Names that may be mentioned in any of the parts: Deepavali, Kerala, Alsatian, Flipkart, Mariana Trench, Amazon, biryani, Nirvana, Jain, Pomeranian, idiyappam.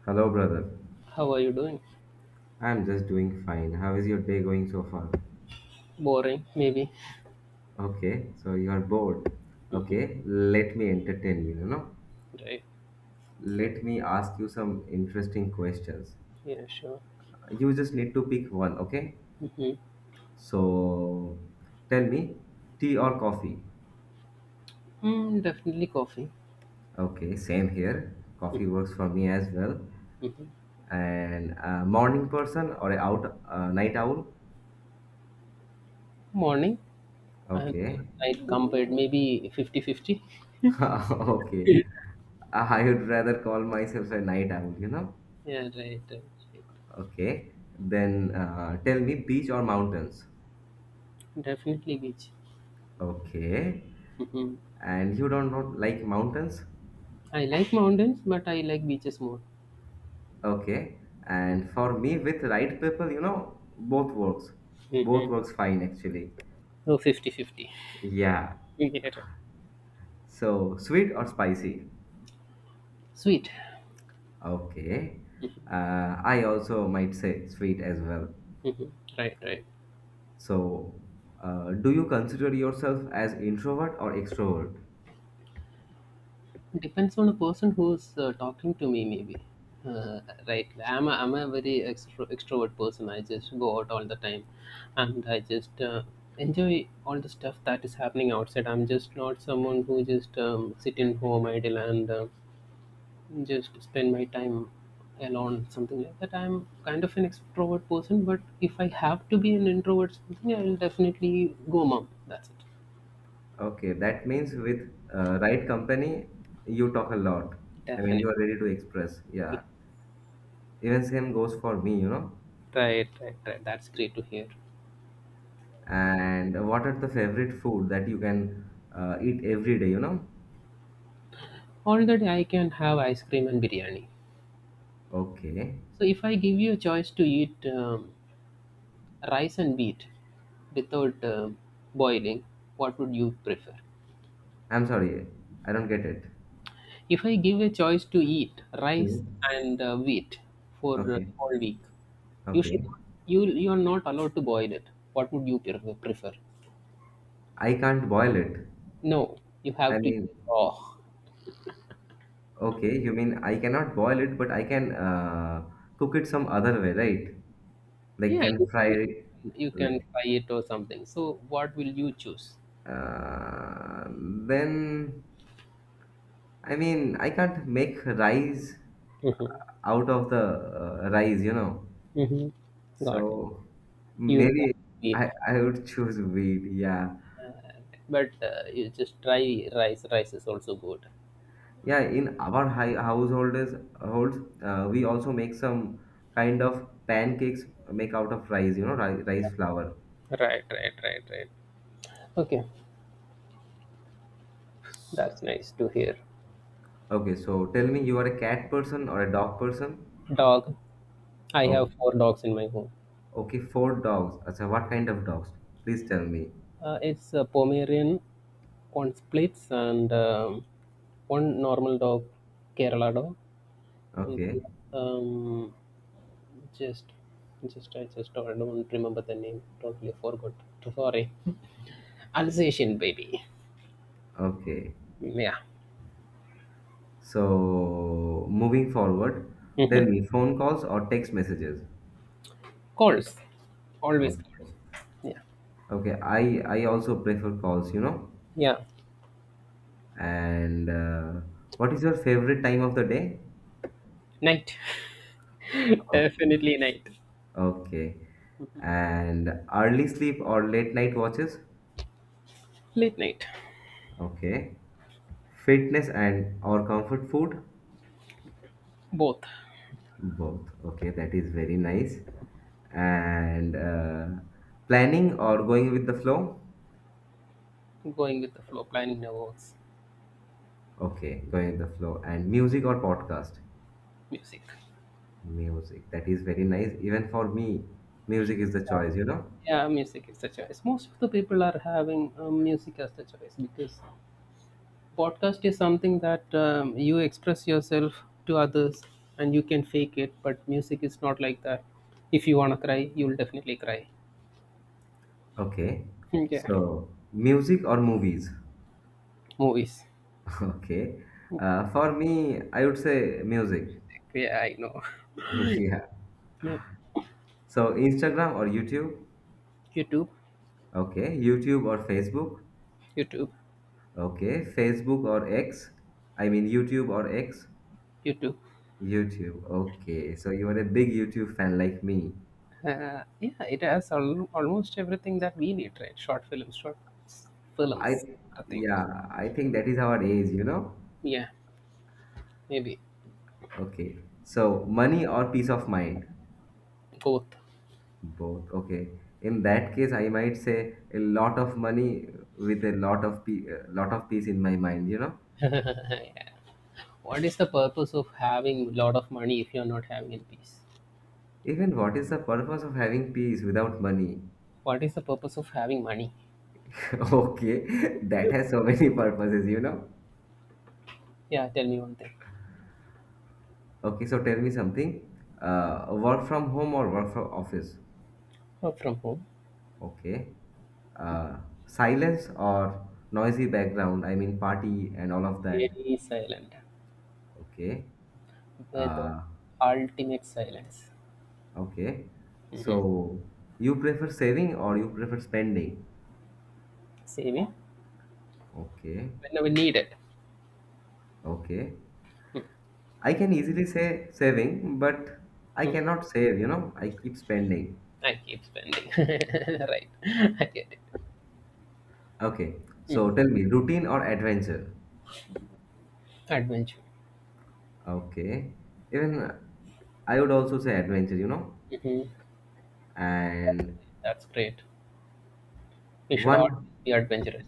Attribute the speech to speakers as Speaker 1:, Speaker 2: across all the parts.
Speaker 1: Hello, brother.
Speaker 2: How are you doing?
Speaker 1: I'm just doing fine. How is your day going so far?
Speaker 2: Boring, maybe.
Speaker 1: Okay, so you are bored. Okay, let me entertain you, you know.
Speaker 2: Right.
Speaker 1: Let me ask you some interesting questions.
Speaker 2: Yeah, sure.
Speaker 1: You just need to pick one, okay?
Speaker 2: hmm
Speaker 1: So tell me, tea or coffee?
Speaker 2: Mm, definitely coffee.
Speaker 1: Okay, same here. Coffee works for me as well.
Speaker 2: Hmm
Speaker 1: And a morning person or a out night owl?
Speaker 2: Morning and
Speaker 1: Okay.
Speaker 2: night compared, maybe 50-50.
Speaker 1: Okay. I would rather call myself a night owl, you know.
Speaker 2: Yeah, right, right, right.
Speaker 1: Okay. Then tell me, beach or mountains?
Speaker 2: Definitely beach.
Speaker 1: Okay.
Speaker 2: Hmm
Speaker 1: And you don't not like mountains?
Speaker 2: I like mountains, but I like beaches more.
Speaker 1: Okay. And for me, with right people, you know, both works. Both
Speaker 2: Hmm
Speaker 1: works fine actually.
Speaker 2: So 50-50.
Speaker 1: Yeah.
Speaker 2: 50. Yeah, right.
Speaker 1: So sweet or spicy?
Speaker 2: Sweet.
Speaker 1: Okay. I also might say sweet as well.
Speaker 2: Hmm Right, right.
Speaker 1: So, do you consider yourself as introvert or extrovert?
Speaker 2: Depends on the person who's talking to me, maybe. Uh, right, I'm a very extrovert person. I just go out all the time, and I just enjoy all the stuff that is happening outside. I'm just not someone who just sit in home idle and just spend my time alone, something like that. I'm kind of an extrovert person, but if I have to be an introvert, something I'll definitely go mom. That's it.
Speaker 1: Okay, that means with right company, you talk a lot. I mean,
Speaker 2: Definitely.
Speaker 1: you are ready to express. Yeah. Even same goes for me, you know.
Speaker 2: Right, right, right. That's great to hear.
Speaker 1: And what are the favorite food that you can eat every day, you know?
Speaker 2: All that I can have ice cream and biryani.
Speaker 1: Okay.
Speaker 2: So if I give you a choice to eat rice and wheat without boiling, what would you prefer?
Speaker 1: I'm sorry. I don't get it.
Speaker 2: If I give a choice to eat rice
Speaker 1: Hmm.
Speaker 2: and wheat for
Speaker 1: Okay.
Speaker 2: all week, you should
Speaker 1: Okay.
Speaker 2: not, you are not allowed to boil it. What would you prefer?
Speaker 1: I can't boil it.
Speaker 2: No, you
Speaker 1: I
Speaker 2: have to eat
Speaker 1: mean,
Speaker 2: raw.
Speaker 1: okay, you mean I cannot boil it, but I can cook it some other way, right? Like,
Speaker 2: Yeah,
Speaker 1: can
Speaker 2: you
Speaker 1: fry it.
Speaker 2: can
Speaker 1: Like.
Speaker 2: fry it or something. So what will you choose?
Speaker 1: Uh, then, I mean, I can't make rice
Speaker 2: Mm-hmm.
Speaker 1: out of the rice, you know.
Speaker 2: Mm-hmm. Got it.
Speaker 1: So
Speaker 2: You will go
Speaker 1: maybe
Speaker 2: with wheat.
Speaker 1: I would choose wheat. Yeah,
Speaker 2: But you just try rice, is also good.
Speaker 1: yeah. In our high householders holds we also make some kind of pancakes make out of rice, you know, rice, rice flour.
Speaker 2: Right. Okay, that's nice to hear.
Speaker 1: Okay, so tell me, you are a cat person or a dog person?
Speaker 2: Dog. I
Speaker 1: Oh,
Speaker 2: have four dogs in my home.
Speaker 1: okay, four dogs. Acha, what kind of dogs? Please tell me.
Speaker 2: It's a pomerian, one splits and one normal dog, kerala dog, and
Speaker 1: Okay,
Speaker 2: um, just just I just don't, I don't remember the name, totally forgot. Sorry. Alsatian baby.
Speaker 1: okay.
Speaker 2: Yeah.
Speaker 1: So moving forward, tell
Speaker 2: Mhm.
Speaker 1: me, phone calls or text messages?
Speaker 2: Calls, always
Speaker 1: Okay.
Speaker 2: calls. Yeah.
Speaker 1: Okay, I also prefer calls, you know.
Speaker 2: Yeah.
Speaker 1: And what is your favorite time of the day?
Speaker 2: Night.
Speaker 1: Okay.
Speaker 2: Definitely night.
Speaker 1: Okay. And early sleep or late night watches?
Speaker 2: Late night.
Speaker 1: Okay. Fitness and or comfort food?
Speaker 2: Both.
Speaker 1: Both. Okay, that is very nice. And planning or going with the flow?
Speaker 2: Going with the flow, planning the works.
Speaker 1: Okay, going with the flow. And music or podcast?
Speaker 2: Music.
Speaker 1: Music. That is very nice. Even for me, music is the choice, you know?
Speaker 2: Yeah, music is the choice. Most of the people are having music as the choice because podcast is something that you express yourself to others and you can fake it, but music is not like that. If you want to cry, you'll definitely cry.
Speaker 1: Okay.
Speaker 2: Yeah.
Speaker 1: So, music or movies?
Speaker 2: Movies.
Speaker 1: Okay. For me, I would say music.
Speaker 2: Yeah, I know.
Speaker 1: Yeah.
Speaker 2: Yeah.
Speaker 1: So, Instagram or YouTube?
Speaker 2: YouTube.
Speaker 1: Okay. YouTube or Facebook?
Speaker 2: YouTube.
Speaker 1: Okay. Facebook or X? I mean, YouTube or X?
Speaker 2: YouTube.
Speaker 1: YouTube. Okay. So, you are a big YouTube fan like me.
Speaker 2: Yeah, it has almost everything that we need, right? Short films, short
Speaker 1: I,
Speaker 2: films, I think.
Speaker 1: yeah, I think that is our age, you know?
Speaker 2: Yeah, maybe.
Speaker 1: Okay. So money or peace of mind?
Speaker 2: Both.
Speaker 1: Both. Okay. In that case, I might say a lot of money with a lot of lot of peace in my mind, you know?
Speaker 2: Yeah. What is the purpose of having a lot of money if you're not having in peace?
Speaker 1: Even what is the purpose of having peace without money?
Speaker 2: What is the purpose of having money?
Speaker 1: Okay, that has so many purposes, you know?
Speaker 2: Yeah, tell me one thing.
Speaker 1: Okay, so tell me something. Work from home or work from office?
Speaker 2: Work from home.
Speaker 1: Okay. Uh, Silence or noisy background? I mean, party and all of that.
Speaker 2: Very silent.
Speaker 1: Okay.
Speaker 2: With
Speaker 1: Uh,
Speaker 2: ultimate silence.
Speaker 1: Okay.
Speaker 2: Hmm
Speaker 1: So you prefer saving or you prefer spending?
Speaker 2: Saving
Speaker 1: Okay.
Speaker 2: whenever needed.
Speaker 1: Okay. I can easily say saving, but I
Speaker 2: Mm.
Speaker 1: cannot save, you know, I keep spending.
Speaker 2: I keep spending. Right. I get it.
Speaker 1: Okay. So
Speaker 2: Hmm
Speaker 1: tell me, routine or adventure?
Speaker 2: Adventure.
Speaker 1: Okay. Even I would also say adventure, you know.
Speaker 2: Mhm.
Speaker 1: And
Speaker 2: That's great. We should
Speaker 1: one,
Speaker 2: all be adventurous.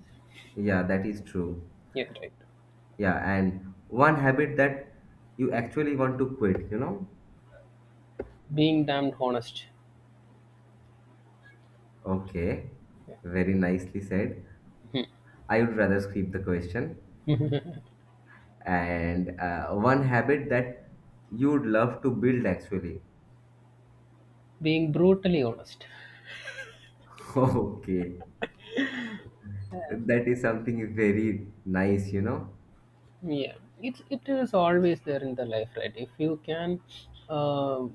Speaker 1: yeah, that is true.
Speaker 2: Yeah, right.
Speaker 1: Yeah, and one habit that you actually want to quit, you know.
Speaker 2: Being damned honest.
Speaker 1: Okay. Very nicely said. I would rather skip the question. And one habit that you would love to build actually.
Speaker 2: Being brutally honest.
Speaker 1: Okay. That is something very nice, you know?
Speaker 2: Yeah, it is always there in the life, right? If you can uh,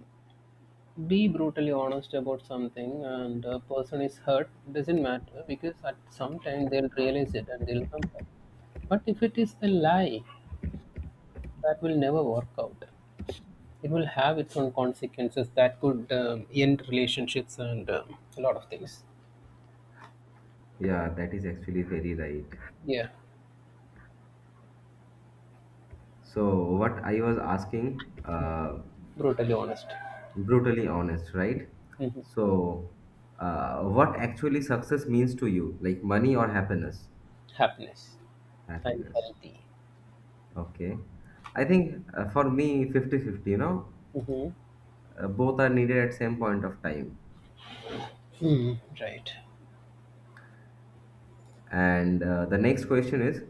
Speaker 2: be brutally honest about something and a person is hurt, doesn't matter because at some time they'll realize it and they'll come back. But if it is a lie, that will never work out. It will have its own consequences that could end relationships and a lot of things.
Speaker 1: Yeah, that is actually very right.
Speaker 2: Yeah.
Speaker 1: So, what I was asking,
Speaker 2: Brutally honest.
Speaker 1: brutally honest, right?
Speaker 2: Mhm.
Speaker 1: So, what actually success means to you, like money or happiness?
Speaker 2: Happiness. I'm
Speaker 1: Happiness.
Speaker 2: healthy.
Speaker 1: Okay. I
Speaker 2: Mhm.
Speaker 1: think for me, 50-50. You know,
Speaker 2: Mhm.
Speaker 1: both are needed at same point of time.
Speaker 2: Hmm. Right.
Speaker 1: And the next question is,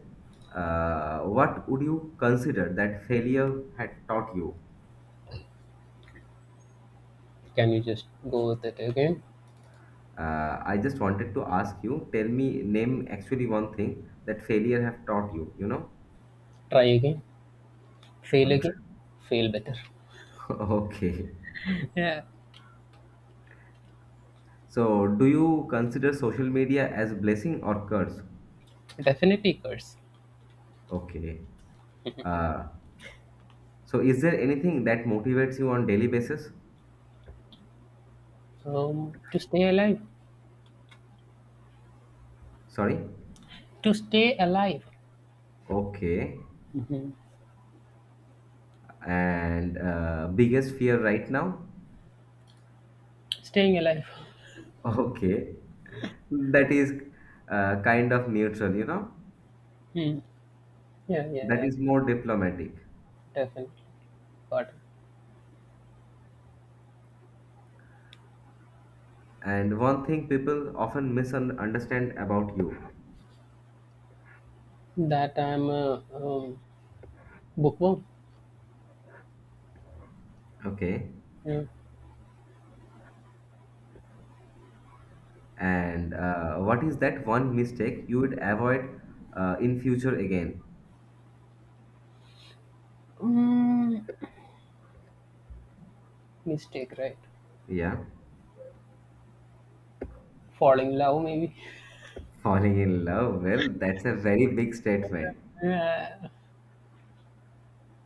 Speaker 1: what would you consider that failure had taught you?
Speaker 2: Can you just go with it again?
Speaker 1: I just wanted to ask you, tell me, name actually one thing that failure have taught you, you know?
Speaker 2: Try again? Fail again? Fail better.
Speaker 1: Okay.
Speaker 2: Yeah.
Speaker 1: So, do you consider social media as blessing or curse?
Speaker 2: Definitely curse.
Speaker 1: Okay. Uh, so, is there anything that motivates you on daily basis?
Speaker 2: Um, to stay alive.
Speaker 1: Sorry?
Speaker 2: To stay alive.
Speaker 1: Okay.
Speaker 2: Mhm.
Speaker 1: And biggest fear right now?
Speaker 2: Staying alive.
Speaker 1: Okay. That is kind of neutral, you know,
Speaker 2: Hmm. Yeah, yeah,
Speaker 1: that
Speaker 2: yeah.
Speaker 1: is more diplomatic.
Speaker 2: Definitely. But
Speaker 1: And one thing people often misunderstand about you,
Speaker 2: that I'm a um, bookworm.
Speaker 1: okay?
Speaker 2: Yeah.
Speaker 1: And what is that one mistake you would avoid in future again?
Speaker 2: Mm, mistake, right?
Speaker 1: Yeah,
Speaker 2: Falling in love, maybe.
Speaker 1: falling in love. Well, that's a very big statement.
Speaker 2: Yeah,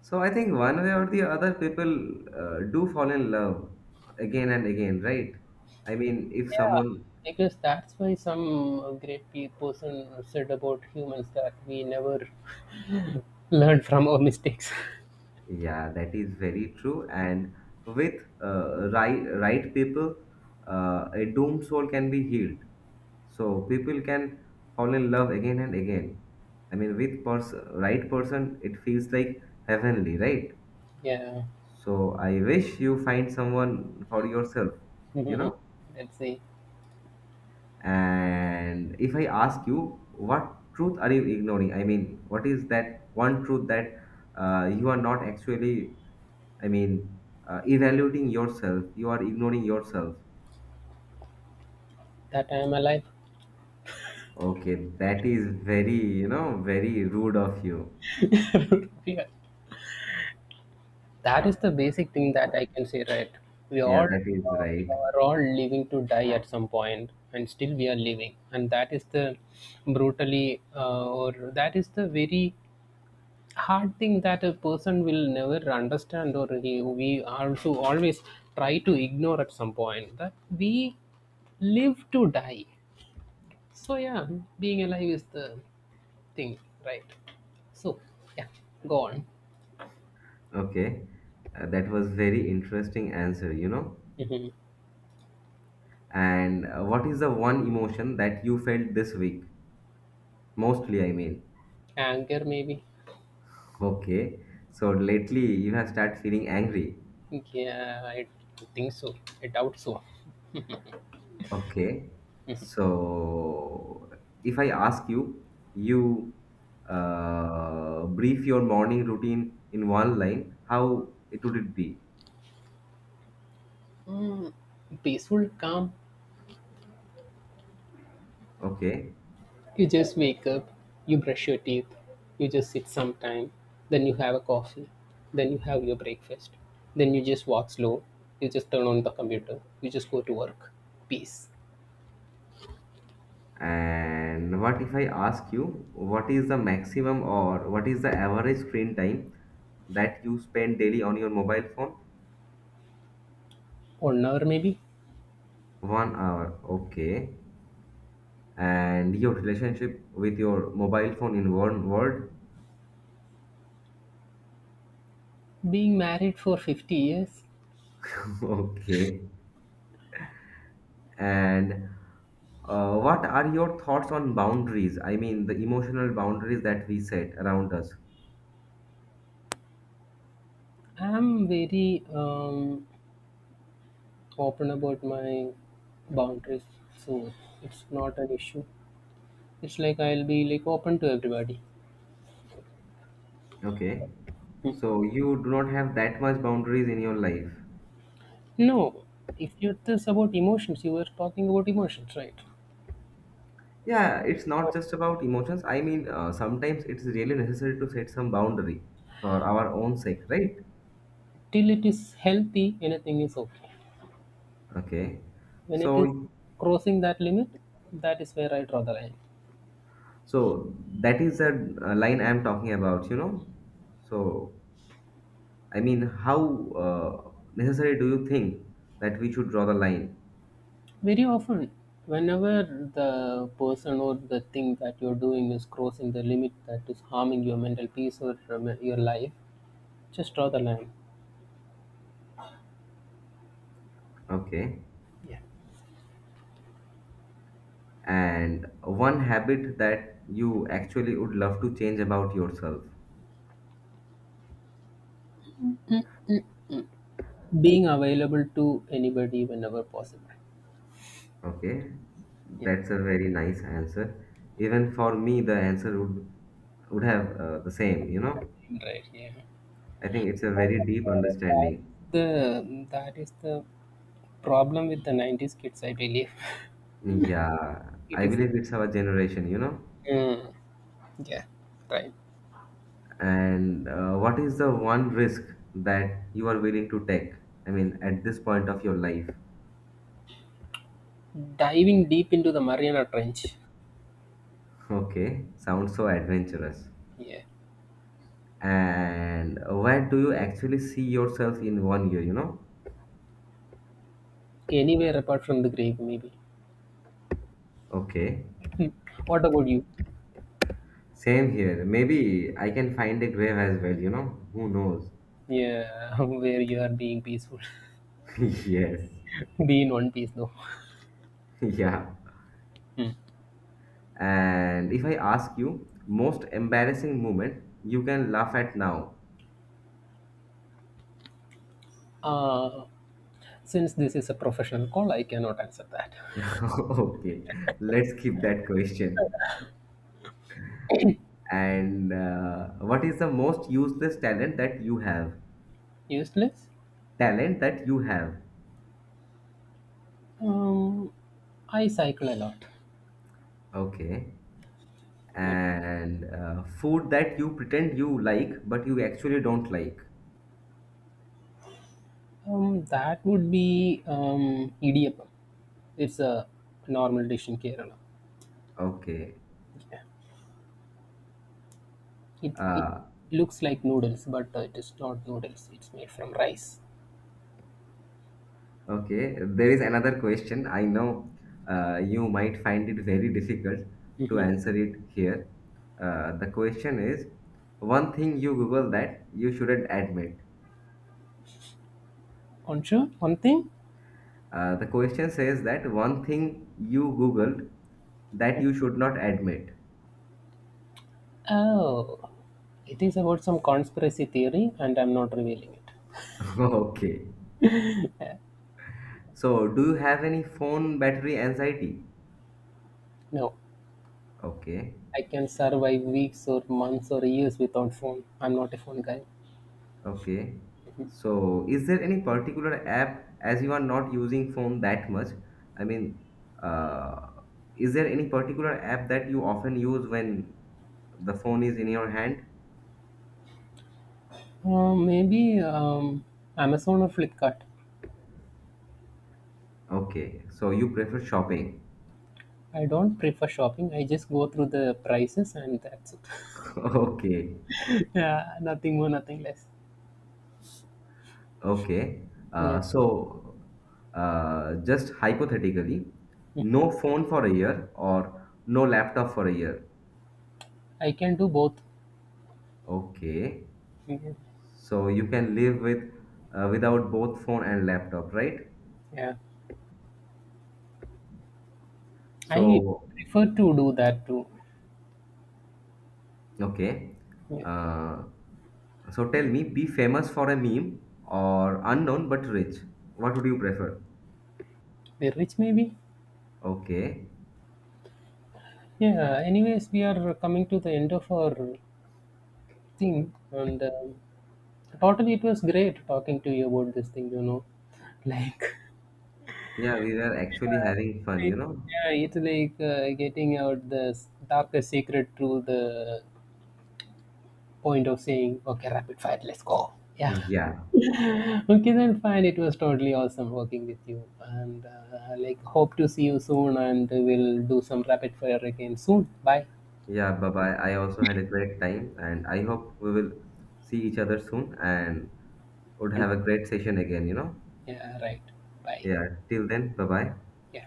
Speaker 1: So I think one way or the other, people do fall in love again and again, right? I mean, if
Speaker 2: yeah,
Speaker 1: someone.
Speaker 2: I guess that's why some great person said about humans that we never learn from our mistakes.
Speaker 1: Yeah, that is very true. And with right people, a doomed soul can be healed. So people can fall in love again and again. I mean, with pers- right person, it feels like heavenly, right?
Speaker 2: Yeah,
Speaker 1: So I wish you find someone for yourself, you know.
Speaker 2: let's see.
Speaker 1: And if I ask you, what truth are you ignoring? I mean, what is that one truth that you are not actually, I mean, evaluating yourself, you are ignoring yourself.
Speaker 2: That I am alive.
Speaker 1: Okay, that is very, you know, very rude of you.
Speaker 2: Yeah. That is the basic thing that I can say, right? We all
Speaker 1: Yeah, that is
Speaker 2: we
Speaker 1: right.
Speaker 2: are all living to die at some point, and still we are living, and that is the very hard thing that a person will never understand or we also always try to ignore at some point that we live to die. So yeah, being alive is the thing, right? So yeah, go on.
Speaker 1: Okay, that was very interesting answer, you know.
Speaker 2: Hmm
Speaker 1: And what is the one emotion that you felt this week? Mostly, I mean.
Speaker 2: anger, maybe.
Speaker 1: Okay, so lately you have started feeling angry.
Speaker 2: Yeah, I think so. I doubt so.
Speaker 1: Okay. So if I ask you, you brief your morning routine in one line, how it would it be?
Speaker 2: Mm, peaceful, calm.
Speaker 1: Okay.
Speaker 2: You just wake up, you brush your teeth, you just sit some time, then you have a coffee, then you have your breakfast, then you just walk slow, you just turn on the computer, you just go to work. Peace.
Speaker 1: And what if I ask you, what is the maximum or what is the average screen time that you spend daily on your mobile phone?
Speaker 2: Or hour maybe.
Speaker 1: 1 hour. Okay. And your relationship with your mobile phone in one word?
Speaker 2: Being married for 50 years.
Speaker 1: Okay. And uh, what are your thoughts on boundaries? I mean, the emotional boundaries that we set around us.
Speaker 2: I'm very open about my boundaries, so it's not an issue. It's like I'll be like open to everybody.
Speaker 1: Okay. So you do not have that much boundaries in your life.
Speaker 2: No, if you are this about emotions, you were talking about emotions, right?
Speaker 1: Yeah, it's
Speaker 2: Or
Speaker 1: not just about emotions. I mean, sometimes it's really necessary to set some boundary for our own sake, right?
Speaker 2: till it is healthy, anything is okay.
Speaker 1: Okay.
Speaker 2: When it is
Speaker 1: So,
Speaker 2: crossing that limit, that is where I draw the line.
Speaker 1: so that is a, line I'm talking about, you know. So, I mean, how necessary do you think that we should draw the line?
Speaker 2: Very often, whenever the person or the thing that you're doing is crossing the limit that is harming your mental peace or your life, just draw the line.
Speaker 1: Okay.
Speaker 2: Yeah.
Speaker 1: And one habit that you actually would love to change about yourself.
Speaker 2: Being available to anybody whenever possible.
Speaker 1: Okay,
Speaker 2: Yeah.
Speaker 1: that's a very nice answer. Even for me, the answer would have the same, you know.
Speaker 2: Right. Yeah.
Speaker 1: I think it's a very deep understanding.
Speaker 2: The that is the problem with the 90s kids, I believe.
Speaker 1: Yeah,
Speaker 2: It
Speaker 1: I
Speaker 2: is.
Speaker 1: believe it's our generation, you know.
Speaker 2: Yeah. Yeah, right.
Speaker 1: And what is the one risk that you are willing to take, I mean, at this point of your life?
Speaker 2: Diving deep into the Mariana Trench.
Speaker 1: Okay, sounds so adventurous.
Speaker 2: Yeah,
Speaker 1: And where do you actually see yourself in 1 year, you know?
Speaker 2: anywhere apart from the grave, maybe.
Speaker 1: Okay.
Speaker 2: Hmm. What about you?
Speaker 1: Same here. Maybe I can find a grave as well, you know? Who knows?
Speaker 2: Yeah, where you are being peaceful.
Speaker 1: Yes.
Speaker 2: Be in one piece, though.
Speaker 1: Yeah.
Speaker 2: Hmm.
Speaker 1: And if I ask you, most embarrassing moment you can laugh at now.
Speaker 2: Uh, since this is a professional call, I cannot answer that.
Speaker 1: Okay. Let's keep that question. And what is the most useless talent that you have?
Speaker 2: Useless?
Speaker 1: Talent that you have.
Speaker 2: Um, I cycle a lot.
Speaker 1: Okay.
Speaker 2: Yeah.
Speaker 1: And food that you pretend you like but you actually don't like.
Speaker 2: That would be idiyappam. It's a normal dish in Kerala.
Speaker 1: Okay.
Speaker 2: Yeah. It
Speaker 1: uh,
Speaker 2: looks like noodles, but it is not noodles. It's made from rice.
Speaker 1: okay, there is another question, I know. You might find it very difficult to answer it here. The question is, one thing you google that you shouldn't admit.
Speaker 2: Aren't you? One thing?
Speaker 1: The question says that one thing you googled that you should not admit.
Speaker 2: Oh, it is about some conspiracy theory, and I'm not revealing it.
Speaker 1: Okay. So, do you have any phone battery anxiety?
Speaker 2: No,
Speaker 1: Okay.
Speaker 2: I can survive weeks or months or years without phone. I'm not a phone guy.
Speaker 1: Okay. So, is there any particular app, as you are not using phone that much? I mean, uh, is there any particular app that you often use when the phone is in your hand?
Speaker 2: Maybe Amazon or Flipkart.
Speaker 1: Okay. So, you prefer shopping.
Speaker 2: I don't prefer shopping. I just go through the prices and that's it.
Speaker 1: Okay.
Speaker 2: Yeah, nothing more, nothing less.
Speaker 1: Okay.
Speaker 2: Yeah,
Speaker 1: So, just hypothetically, no phone for a year or no laptop for a year.
Speaker 2: I can do both.
Speaker 1: Okay.
Speaker 2: Mhm.
Speaker 1: So, you can live with without both phone and laptop, right?
Speaker 2: Yeah. I
Speaker 1: So,
Speaker 2: prefer to do that too.
Speaker 1: okay.
Speaker 2: Yeah.
Speaker 1: Uh, so tell me, be famous for a meme or unknown but rich. What would you prefer?
Speaker 2: We're rich, maybe.
Speaker 1: Okay.
Speaker 2: Yeah. Anyways, we are coming to the end of our thing, and totally, it was great talking to you about this thing. You know, like
Speaker 1: Yeah, we were actually having fun, you
Speaker 2: it-
Speaker 1: know?
Speaker 2: yeah, it's like getting out the darkest secret through the point of saying, "Okay, rapid fire, let's go." Yeah.
Speaker 1: Yeah.
Speaker 2: Okay, then fine. It was totally awesome working with you, and like hope to see you soon, and we'll do some rapid fire again soon. Bye.
Speaker 1: Yeah, bye-bye. I also had a great time and I hope we will see each other soon and would have
Speaker 2: And
Speaker 1: a great session again, you know?
Speaker 2: yeah, right. Bye.
Speaker 1: Yeah, till then, bye-bye.
Speaker 2: Yeah.